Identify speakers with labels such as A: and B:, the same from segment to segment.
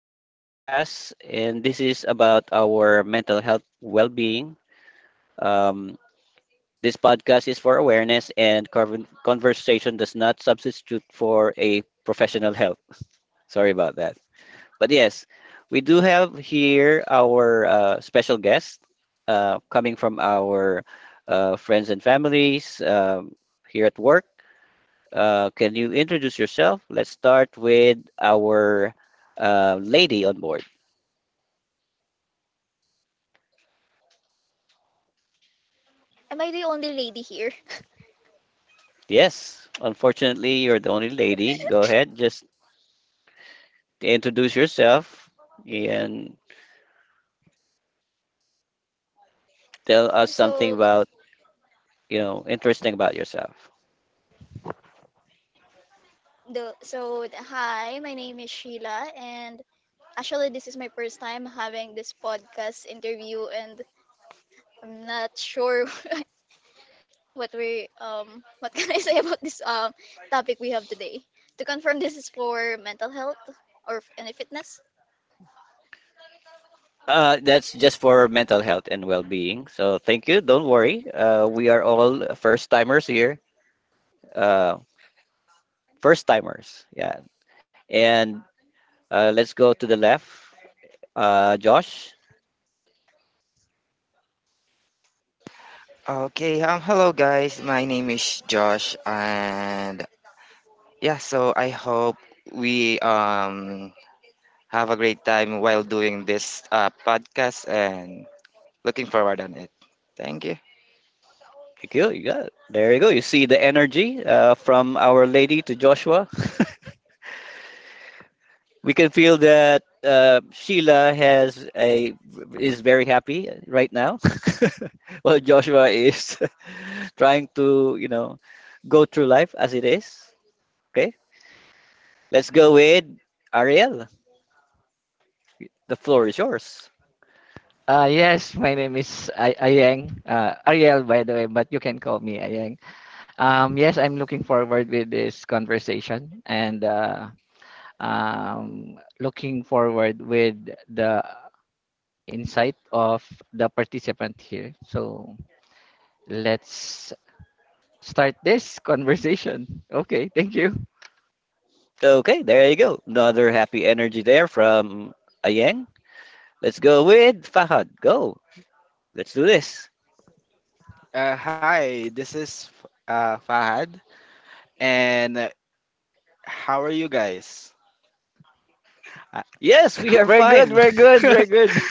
A: to our podcast, and this is about our mental health well-being. Um, this podcast is for awareness, and conversation does not substitute for a professional help. Sorry about that. But yes, we do have here our special guest coming from our friends and families here at work. Can you introduce yourself? Let's start with our lady on board.
B: Am I the only lady here?
A: Yes, unfortunately, you're the only lady. Go ahead, just introduce yourself and tell us something
B: So
A: about, interesting about yourself.
B: Hi, my name is Sheila, and actually this is my first time having this podcast interview, and I'm not sure what we what can I say about this topic we have today? To confirm, this is for mental health or any fitness.
A: That's just for mental health and well-being. So thank you. Don't worry. We are all first timers here. Uh, First timers. Yeah. And let's go to the left. Josh,
C: Okay, Hello guys. My name is Josh, and yeah, so I hope we have a great time while doing this podcast and looking forward on it. Thank you.
A: you go, you got it. There you go. You see the energy from Our Lady to Joshua. We can feel that Sheila has a is very happy right now, while Joshua is trying to go through life as it is. Okay, let's go with Ariel. The floor is yours.
D: Yes, my name is Ayeng, Ariel, by the way, but you can call me Ayeng. Yes, I'm looking forward with this conversation and looking forward with the insight of the participant here. So let's start this conversation. Okay, thank you.
A: Okay, there you go. Another happy energy there from Ayeng. Let's go with Fahad. Go. Let's do this.
E: Hi, this is Fahad, and how are you guys? Uh,
A: Yes, we are
D: Very good,
A: fine.
D: very good, very good.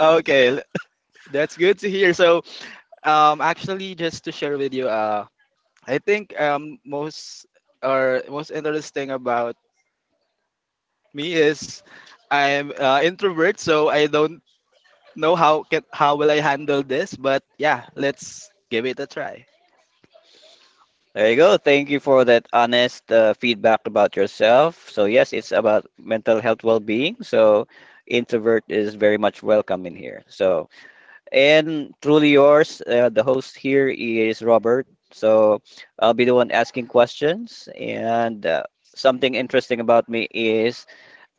E: Okay, l- that's good to hear. So, actually, just to share with you, I think most interesting about me is I'm introvert, so I don't know how will I handle this, but yeah, let's give it a try.
A: There you go. Thank you for that honest feedback about yourself. So yes, it's about mental health well-being. So introvert is very much welcome in here. So and truly yours, the host here is Robert. So I'll be the one asking questions. And something interesting about me is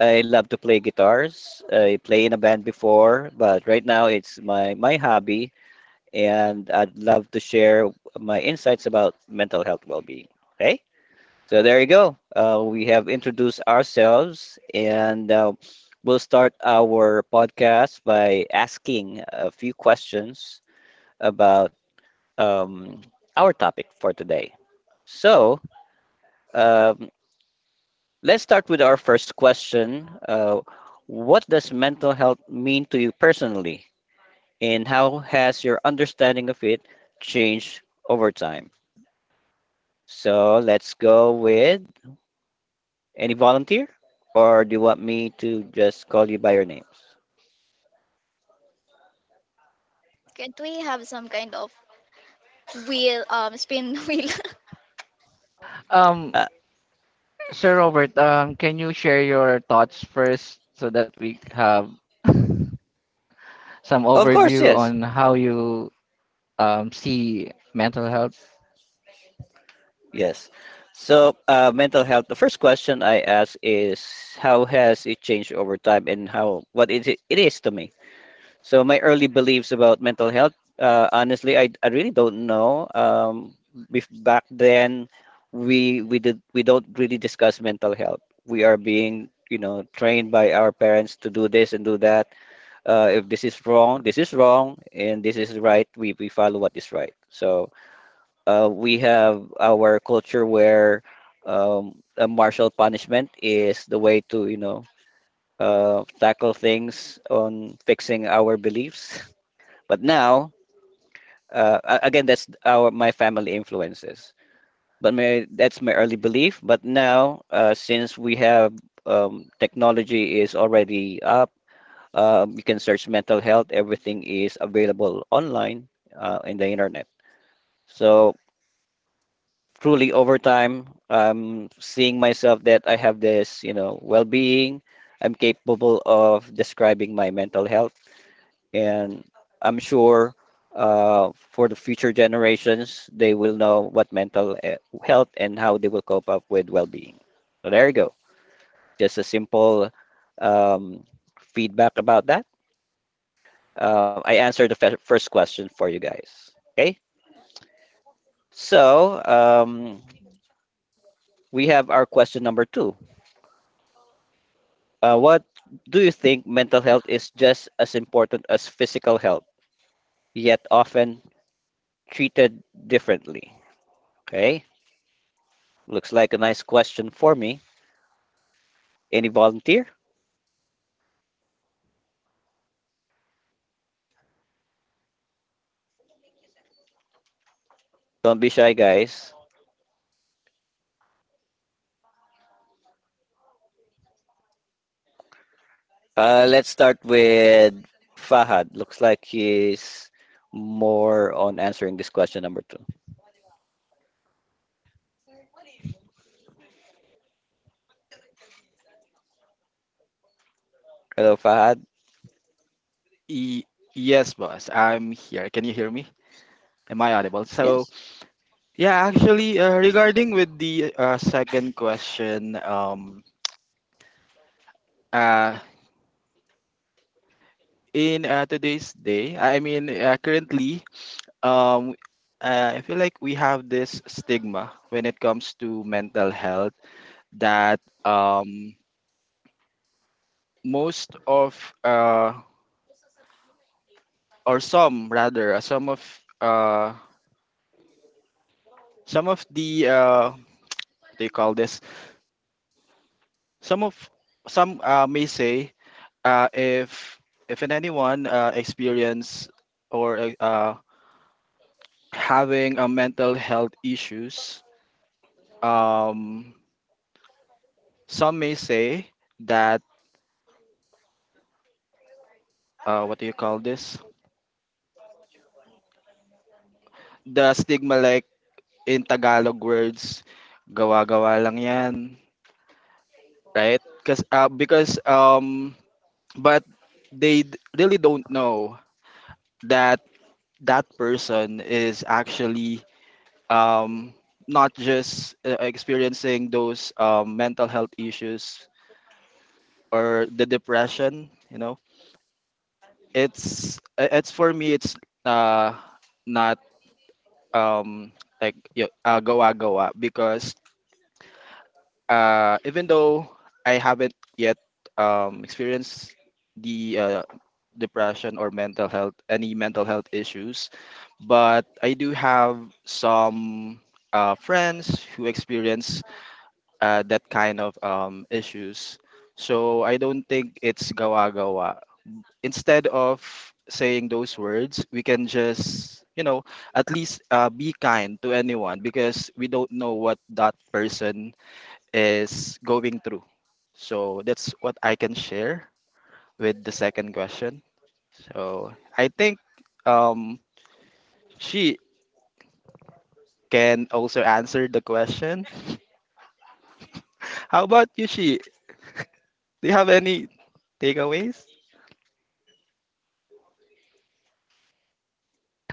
A: I love to play guitars. I play in a band before, but right now it's my hobby and I'd love to share my insights about mental health well-being. Okay, so there you go. We have introduced ourselves, and we'll start our podcast by asking a few questions about um, our topic for today. So um, let's start with our first question. What does mental health mean to you personally, and how has your understanding of it changed over time? So let's go with any volunteer, or do you want me to just call you by your names?
B: Can't we have some kind of wheel spin wheel?
D: Um,
A: Uh,
D: Sir Robert, can you share your thoughts first so that we have some
A: of course,
D: overview
A: yes,
D: on how you see mental health.
A: yes. So mental health. The first question I ask is how has it changed over time, and how what is it, it is to me. So my early beliefs about mental health, honestly, I really don't know. Back then, we don't really discuss mental health. We are being trained by our parents to do this and do that. If this is wrong, this is wrong, and this is right, we follow what is right. So we have our culture where a martial punishment is the way to, you know, tackle things on fixing our beliefs. But now, again, that's our my family influences. But that's my early belief. But now, since we have technology is already up. You can search mental health. Everything is available online in the internet. So truly, over time, I'm seeing myself that I have this, you know, well-being. I'm capable of describing my mental health, and I'm sure for the future generations, they will know what health and how they will cope up with well-being. So there you go. Just a simple um, feedback about that. I answered the first question for you guys. Okay, so we have our question number two. What do you think mental health is just as important as physical health, yet often treated differently? Okay, looks like a nice question for me. Any volunteer? Don't be shy, guys. Let's start with Fahad. Looks like he's more on answering this question number two. Hello, Fahad.
E: E- yes, boss, I'm here. Can you hear me? Am I audible? So
A: Yes.
E: yeah, actually, regarding with the second question, uh, in today's day, I mean, currently, um, I feel like we have this stigma when it comes to mental health that most of, uh, or some rather, uh, some of the, what do you call this? Some of some may say uh, if if in anyone experience or having a mental health issues, um, some may say that what do you call this? The stigma, like in Tagalog words, gawa-gawa lang yan, right? Because but they really don't know that that person is actually, um, not just experiencing those mental health issues or the depression. It's for me it's uh, not, um, like goa goa because even though I haven't yet experienced the depression or mental health any mental health issues, but I do have some friends who experience that kind of issues. So I don't think it's gawa-gawa. Instead of saying those words, we can just, you know, at least be kind to anyone because we don't know what that person is going through. So that's what I can share with the second question. So I think, um, she can also answer the question. How about you, she? Do you have any takeaways?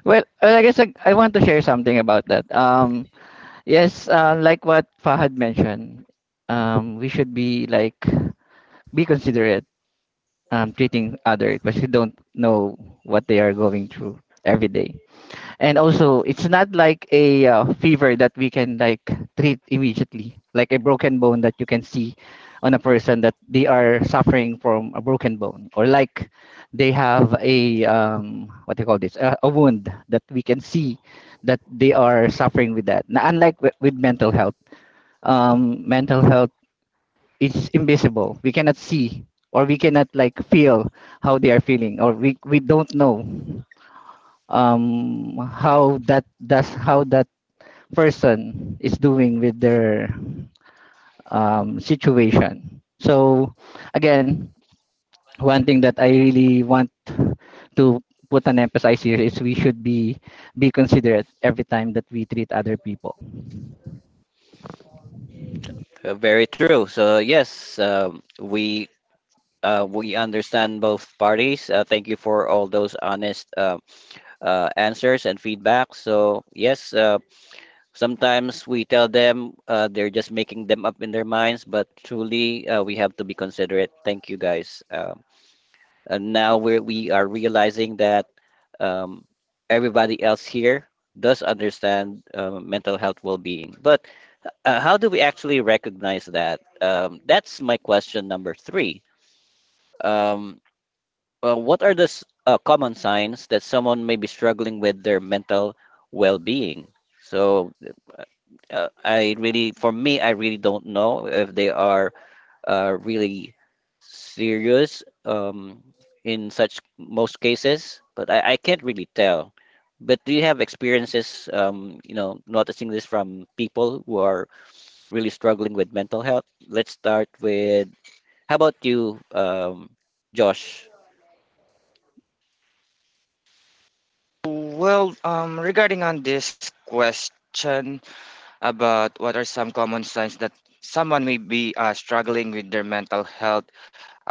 D: Well, well, I guess I want to share something about that. Yes, like what Fahad mentioned, we should be like be considerate treating others because we don't know what they are going through every day. And also, it's not like a fever that we can like treat immediately, like a broken bone that you can see on a person that they are suffering from a broken bone, or like they have a what do you call this, a wound that we can see that they are suffering with that. Now, unlike with mental health, mental health is invisible. We cannot see or we cannot like feel how they are feeling, or we don't know how that's how that person is doing with their situation. So again, one thing that I really want to put an emphasis here is we should be considerate every time that we treat other people.
A: Very true. So yes, we understand both parties. Thank you for all those honest answers and feedback. So yes, sometimes we tell them they're just making them up in their minds, but truly we have to be considerate. Thank you guys. And now we are realizing that um, everybody else here does understand mental health well-being, but how do we actually recognize that? That's my question number three. Um, what are the common signs that someone may be struggling with their mental well-being? So I really, for me, I really don't know if they are really serious in such most cases, but I can't really tell. But do you have experiences, you know, noticing this from people who are really struggling with mental health. Let's start with how about you, Josh?
C: Regarding on this question about what are some common signs that someone may be struggling with their mental health,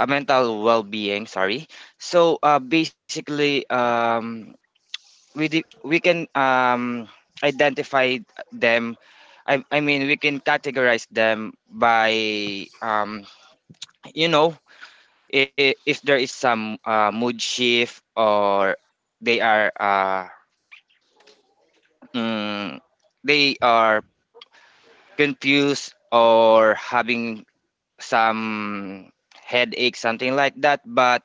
C: mental well-being, sorry. So, we can identify them I mean we can categorize them by you know if there is some mood shift or they are mm, they are confused or having some headache something like that, but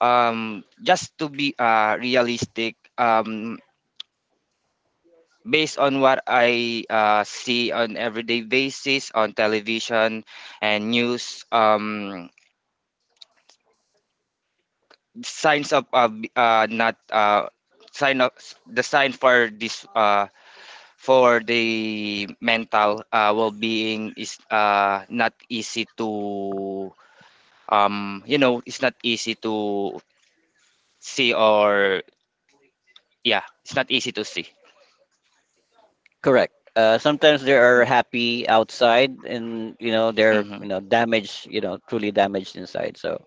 C: just to be realistic, based on what I see on everyday basis on television and news. Signs of b- not sign of the sign for this for the mental well-being is not easy to it's not easy to see. Or yeah It's not easy to see.
A: Correct. Sometimes there are happy outside, and you know they're
C: Mm-hmm.
A: you know damaged, you know truly damaged inside. So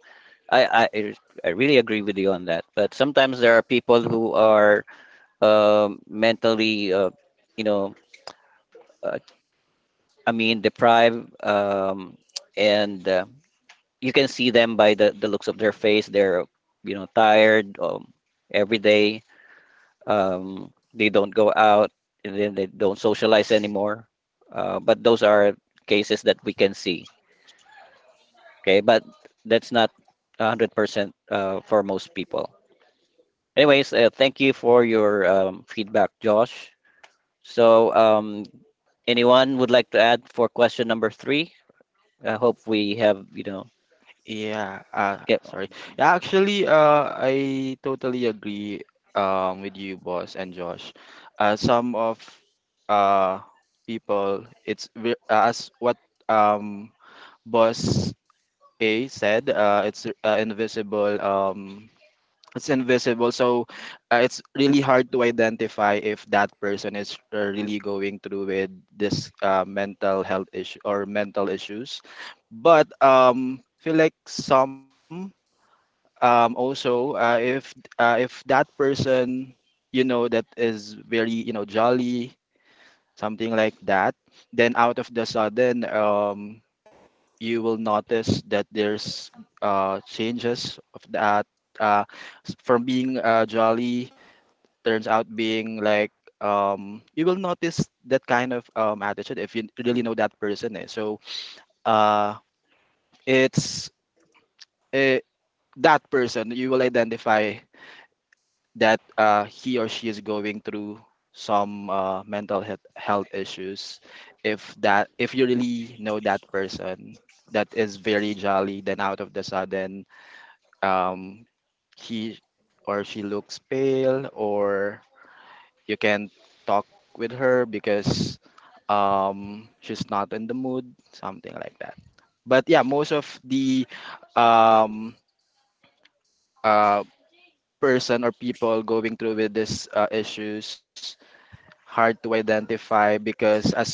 A: I I, I really agree with you on that. But sometimes there are people who are mentally, you know, uh, I mean deprived, and you can see them by the looks of their face. They're you know tired every day. They don't go out and then they don't socialize anymore. But those are cases that we can see. Okay, but that's not 100% for most people. Anyways, thank you for your feedback, Josh. So, anyone would like to add for question number three? I hope we have, you know,
E: Yeah,
A: get,
E: sorry. Yeah, actually, I totally agree with you, boss and Josh. Some of uh, People, it's as what, um, boss A said, it's invisible. It's invisible, so it's really hard to identify if that person is really going through with this mental health issue or mental issues. But feel like some, also if that person, you know, that is very, you know, jolly, something like that, then out of the sudden, you will notice that there's changes of that uh from being jolly turns out being like, you will notice that kind of attitude if you really know that person, eh. So uh it's eh, that person you will identify that he or she is going through some mental health issues if that if you really know that person that is very jolly then out of the sudden, um, he or she looks pale or you can't talk with her because, she's not in the mood, something like that. But yeah, most of the um, uh, person or people going through with this issues hard to identify because as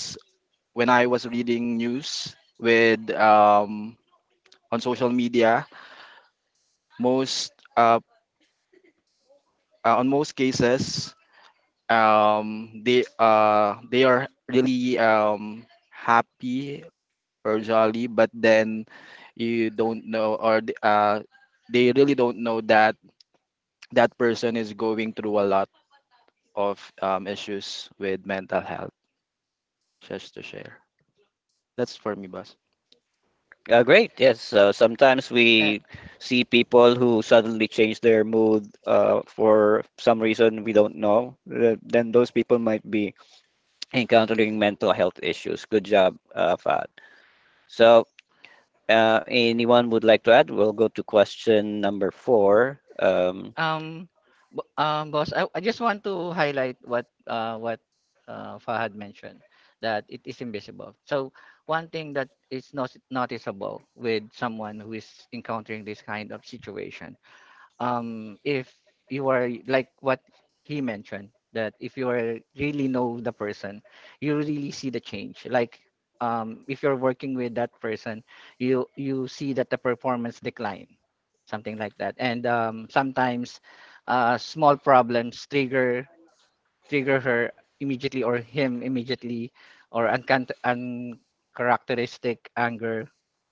E: when I was reading news with, on social media, most uh, on most cases, they are really, happy or jolly, but then you don't know or they really don't know that that person is going through a lot of issues with mental health. Just to share, that's for me, boss.
A: Great. Yes. Sometimes we see people who suddenly change their mood for some reason we don't know. Then those people might be encountering mental health issues. Good job, Fahad. So, anyone would like to add? We'll go to question number four.
D: Um, Boss, I just want to highlight what Fahad mentioned, that it is invisible. So one thing that is not noticeable with someone who is encountering this kind of situation, if you are like what he mentioned, that if you are really know the person, you really see the change, like if you're working with that person, you see that the performance decline, something like that. And sometimes small problems trigger, her immediately or him immediately, or uncharacteristic anger,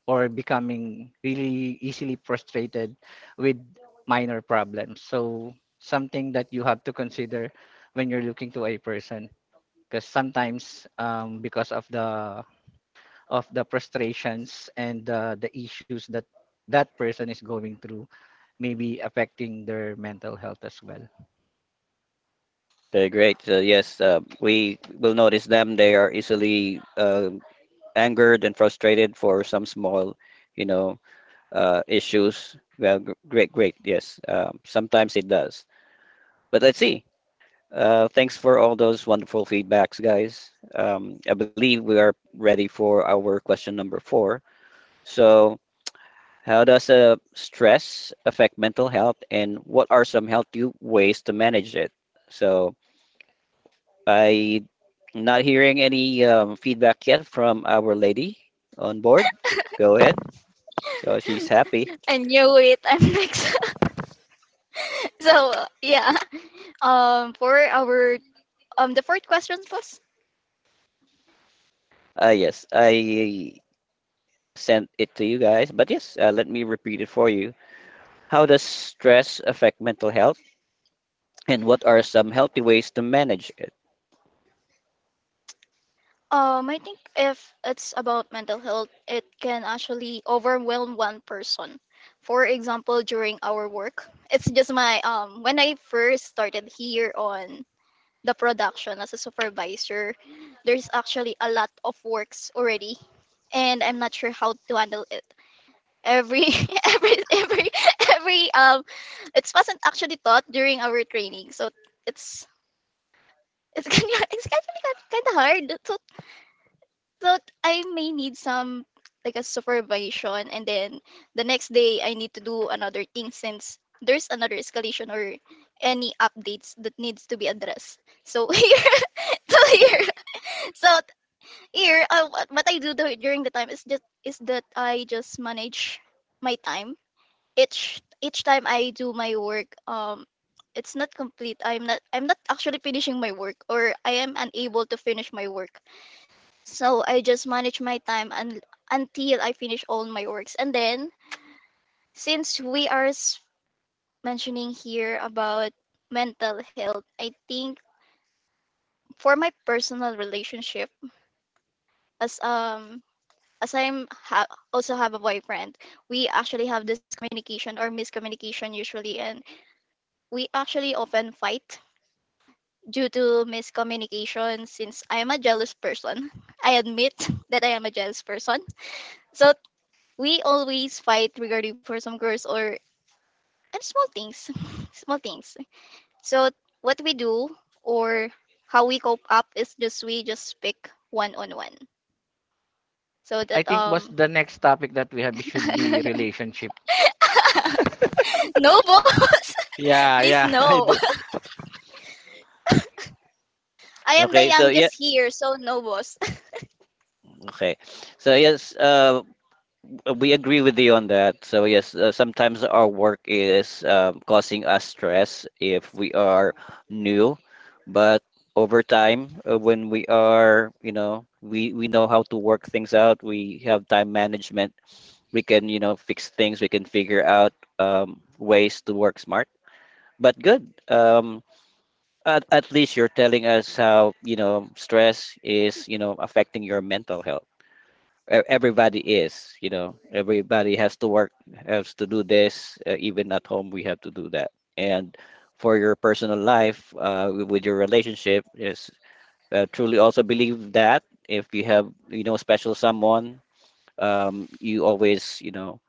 D: or becoming really easily frustrated with minor problems. So something that you have to consider when you're looking to a person, because sometimes because of the frustrations and the issues that that person is going through, maybe affecting their mental health as well.
A: They're great. Yes, we will notice them. They are easily angered and frustrated for some small, you know, issues. Well, great, great. Yes, sometimes it does. But let's see. Thanks for all those wonderful feedbacks, guys. I believe we are ready for our question number four. So, how does stress affect mental health, and what are some healthy ways to manage it? So, I'm not hearing any feedback yet from our lady on board. Go ahead. So she's happy.
B: I knew it. I'm next. Yeah. For our the fourth question, boss.
A: Ah, yes. I sent it to you guys. But yes, let me repeat it for you. How does stress affect mental health, and what are some healthy ways to manage it?
B: I think if it's about mental health, it can actually overwhelm one person. For example, during our work, it's just my when I first started here on the production as a supervisor, there's actually a lot of works already, and I'm not sure how to handle it. Every every every every It wasn't actually taught during our training, so it's it's it's actually kind of hard to so I may need some like a supervision, and then the next day I need to do another thing since there's another escalation or any updates that needs to be addressed. So here to here. So t- here what I do during the time is that I just manage my time. Each time I do my work, it's not complete. I'm not actually finishing my work, or I am unable to finish my work, so I just manage my time until I finish all my works. And then, since we are s- mentioning here about mental health, I think for my personal relationship, as um as I'm also have a boyfriend, we actually have this communication or miscommunication usually, and we actually often fight due to miscommunication since I am a jealous person. I admit that I am a jealous person. So we always fight regarding for some girls or and small things, small things. So what we do or how we cope up is just we just pick one on one so
D: I
B: that
D: think, boss,
B: um
D: the next topic that we have should be relationship.
B: No, boss.
E: Yeah,
B: Please,
E: yeah, I
B: no.
E: do.
B: I am the
A: Okay, so yeah,
B: youngest here, so no, boss.
A: okay, so yes, we agree with you on that. So yes, sometimes our work is causing us stress if we are new, but over time, when we are, you know, we know how to work things out. We have time management. We can you know fix things. We can figure out ways to work smart, but good at least you're telling us how you know stress is you know affecting your mental health. Everybody is you know everybody has to work, has to do this. Even at home we have to do that, and for your personal life with your relationship is truly also believe that if you have you know special someone, you always you know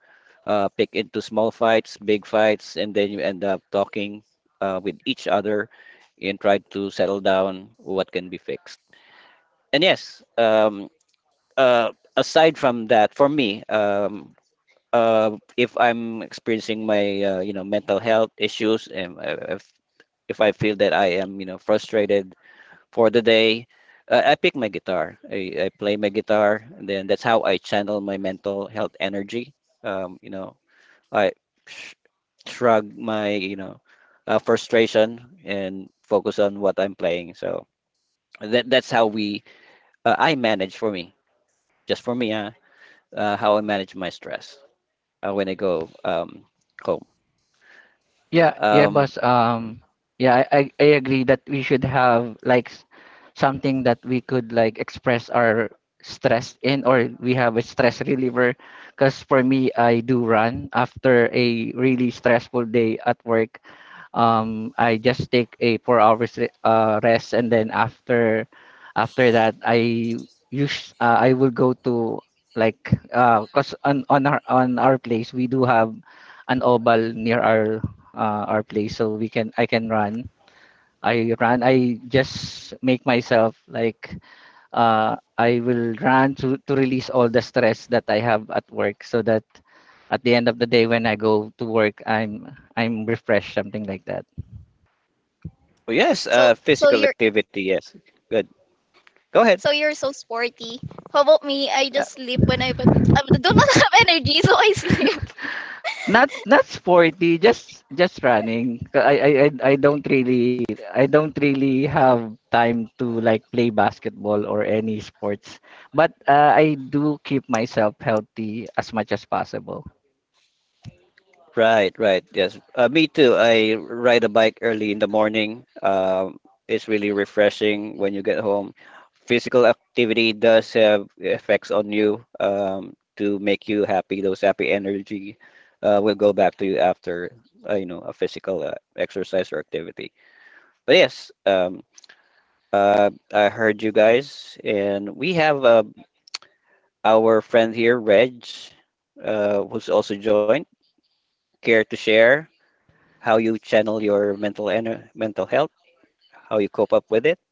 A: pick into small fights, big fights, and then you end up talking with each other and try to settle down what can be fixed. And yes, uh, aside from that, for me, if I'm experiencing my you know mental health issues, and if I feel that I am you know frustrated for the day, I pick my guitar. I play my guitar, and then that's how I channel my mental health energy. You know, I sh- shrug my you know frustration and focus on what I'm playing. So that's how we I manage for me, just for me, how I manage my stress when I go home.
D: Yeah, yeah,
A: Um,
D: boss. Yeah, I agree that we should have like something that we could like express our stress in, or we have a stress reliever. Because for me, I do run after a really stressful day at work. Um, I just take a 4 hours rest, and then after that I will go to like 'cause on our place, we do have an oval near our place, so we can I can run. I just make myself like I will run to release all the stress that I have at work, so that at the end of the day when I go to work, I'm refreshed, something like that.
A: but yes,
B: So, so
A: physical
B: you're,
A: activity. Yes, good. Go ahead.
B: so you're so sporty. How about me? I just sleep when I do not have energy, so I sleep.
D: Not not sporty, just running. 'Cause I don't really I don't really have time to like play basketball or any sports. But I do keep myself healthy as much as possible.
A: Right, right. Yes. Me too. I ride a bike early in the morning. It's really refreshing when you get home. Physical activity does have effects on you to make you happy. Those happy energy will go back to you after you know a physical exercise or activity. But yes, I heard you guys, and we have our friend here, Reg, who's also joined. Care to share how you channel your mental health, how you cope up with it.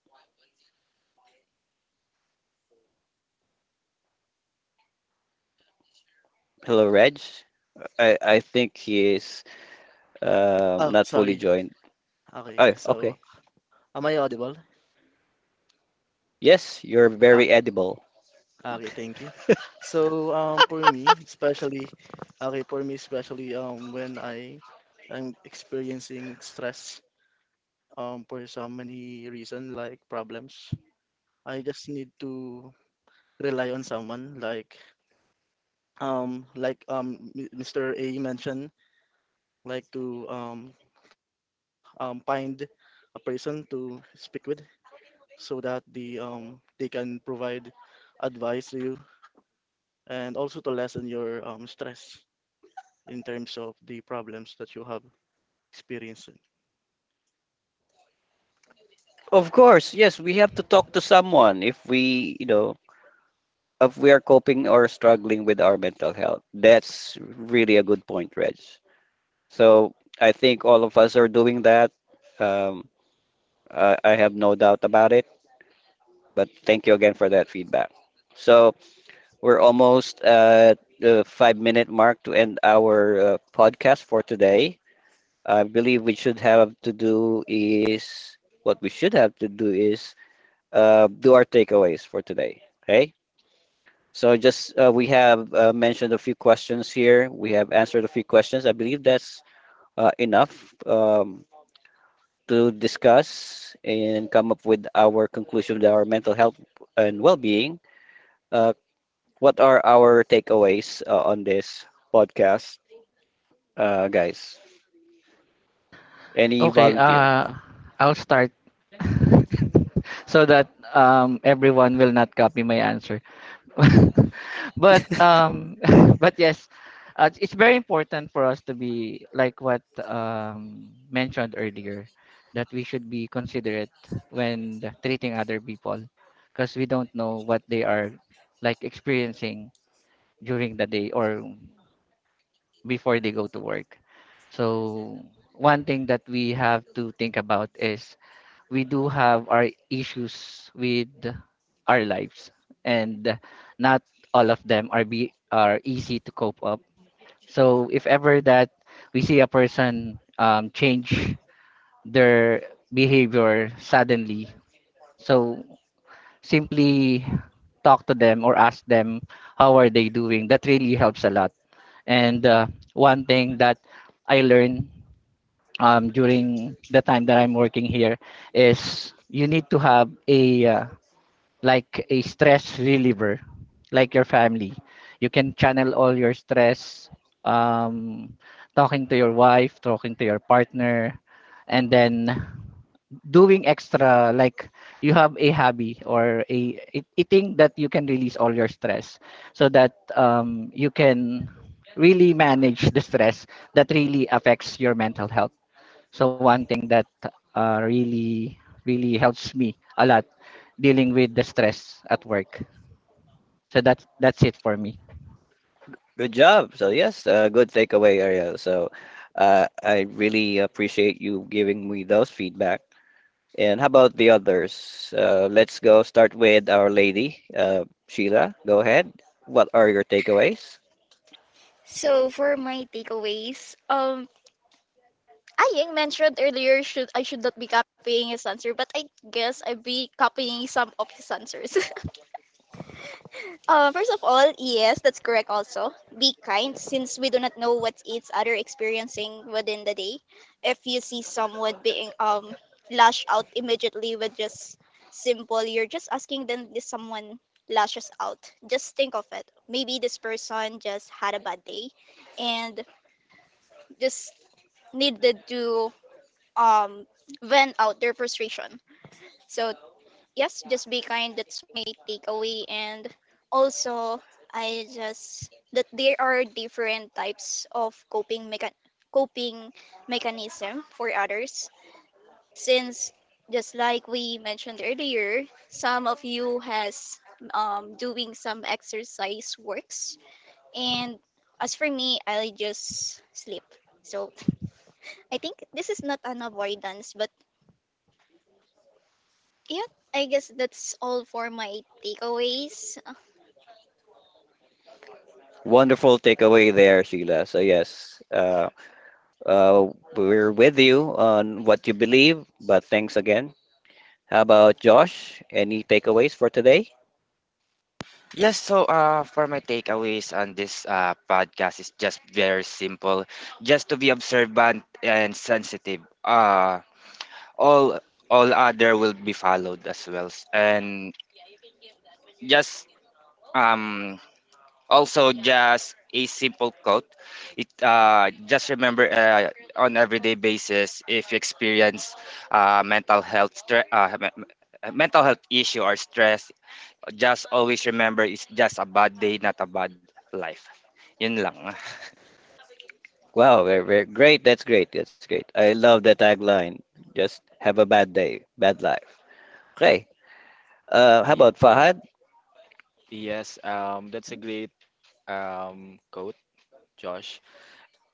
A: Hello, Reg. I think he is
F: Oh,
A: not fully
F: sorry.
A: joined.
F: Okay.
A: Oh,
F: So,
A: okay.
F: am I audible?
A: Yes, you're very
F: Okay.
A: edible.
F: Okay, thank you. So, for me, especially, okay, for me, especially, when I am experiencing stress, for so many reason like problems, I just need to rely on someone like, Mr. A mentioned, like to find a person to speak with so that the they can provide advice to you and also to lessen your stress in terms of the problems that you have experienced.
A: Of course, yes, we have to talk to someone if we, you know, if we are coping or struggling with our mental health. That's really a good point, Reg. So I think all of us are doing that. Um, I have no doubt about it. But thank you again for that feedback. So we're almost at the 5 minute mark to end our podcast for today. I believe we should have to do is What we should have to do is do our takeaways for today. Okay. So just we have mentioned a few questions here. We have answered a few questions. I believe that's enough to discuss and come up with our conclusion that our mental health and well-being. uh, what are our takeaways on this podcast, guys? Any
D: Okay,
A: volunteer?
D: I'll start so that everyone will not copy my answer. But but yes, it's very important for us to be like what mentioned earlier, that we should be considerate when treating other people, because we don't know what they are like experiencing during the day or before they go to work. So one thing that we have to think about is we do have our issues with our lives, and not all of them are be are easy to cope up. So if ever that we see a person change their behavior suddenly, so simply talk to them or ask them how are they doing. That really helps a lot. And one thing that I learned during the time that I'm working here is you need to have a like a stress reliever, like your family. You can channel all your stress um, talking to your wife, talking to your partner, and then doing extra, like you have a hobby or a thing that you can release all your stress, so that you can really manage the stress that really affects your mental health. So one thing that really really helps me a lot dealing with the stress at work. So that's it for me.
A: Good job. So yes, good takeaway, Ariel. So I really appreciate you giving me those feedback. And how about the others? Let's go start with our lady, Sheila. Go ahead. What are your takeaways?
B: So for my takeaways, Aying mentioned earlier should I should not be copying his answer, but I guess I'd be copying some of his answers. First of all, yes, that's correct also. Be kind, since we do not know what each other experiencing within the day. If you see someone being lash out immediately, with just simple, you're just asking them. If someone lashes out, just think of it. Maybe this person just had a bad day and just needed to um vent out their frustration. So yes, just be kind. That's my takeaway. And also, I just that there are different types of coping mechanism for others. Since, just like we mentioned earlier, some of you has doing some exercise works, and as for me, I just sleep. So I think this is not an avoidance, but yeah, I guess that's all for my takeaways.
A: Wonderful takeaway there, Sheila. So yes, uh, we're with you on what you believe, but thanks again. How about Josh? Any takeaways for today?
C: Yes, so for my takeaways on this podcast is just very simple, just to be observant and sensitive. All all other will be followed as well, and just um also just a simple quote. It Just remember on everyday basis, if you experience uh, mental health stre- uh, me- me- mental health issue or stress, just always remember, it's just a bad day, not a bad life. Yun lang.
A: Wow, very, very great. That's great. That's great. I love the tagline. Just have a bad day, bad life. Okay. How
E: Y-
A: about
E: y-
A: Fahad?
E: Yes, that's a great quote, Josh.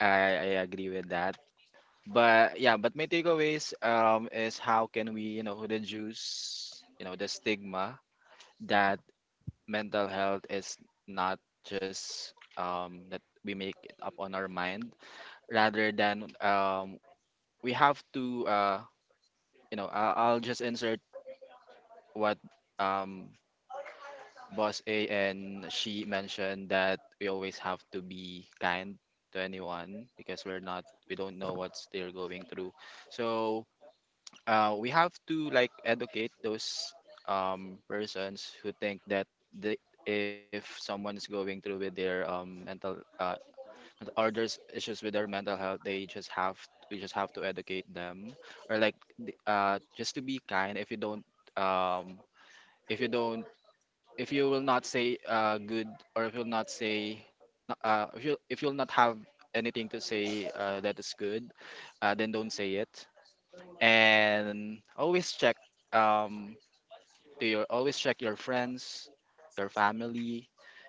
E: I agree with that. But yeah, but my takeaways is how can we, you know, reduce, you know, the stigma that mental health is not just that we make it up on our mind, rather than, we have to you know I'll just insert what, um Boss A, and she mentioned that we always have to be kind to anyone because we're not, we don't know what they're going through. So we have to like educate those persons who think that the if someone's going through with their or there's issues with their mental health, they just have we just have to educate them or like just to be kind. If you don't, um, if you don't if you will not say good, or if you'll not say if you'll not have anything to say that is good, then don't say it. And always check, um to your always check your friends, your family,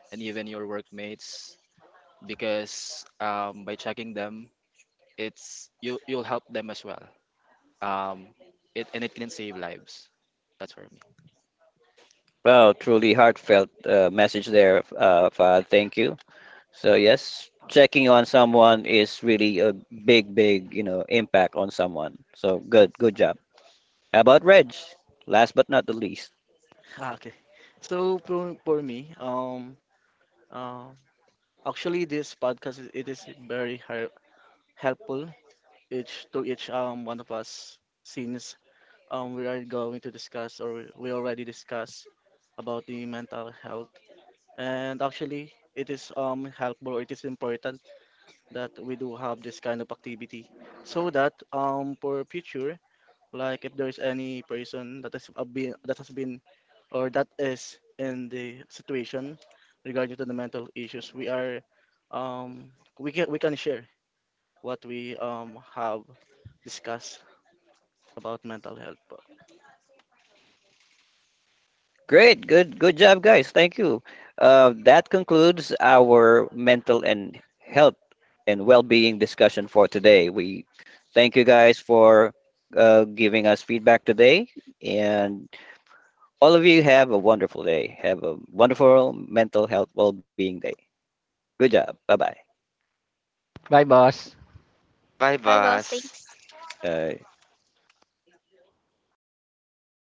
E: and even your workmates because, by checking them, it's you you'll help them as well, um it and it can save lives. That's for me.
A: Well, truly heartfelt message there, Fahad. Thank you. So yes, checking on someone is really a big, big, you know, impact on someone. So good, good job. How about Reg? Last but not the least.
F: Okay. So for me, uh, actually this podcast it is very helpful each to each one of us since we are going to discuss or we already discussed about the mental health, and actually it is helpful or it is important that we do have this kind of activity so that for future, like if there's any person that has been, that has been or that is in the situation regarding to the mental issues. We are um we can share what we have discussed about mental health po.
A: Great, good, good job, guys. Thank you. That concludes our mental and health and well-being discussion for today. We thank you guys for giving us feedback today, and all of you have a wonderful day. Have a wonderful mental health well-being day. Good job. Bye bye.
D: Bye, boss.
C: Bye,
B: Bye, boss.
C: boss.
B: Thanks.
A: Uh,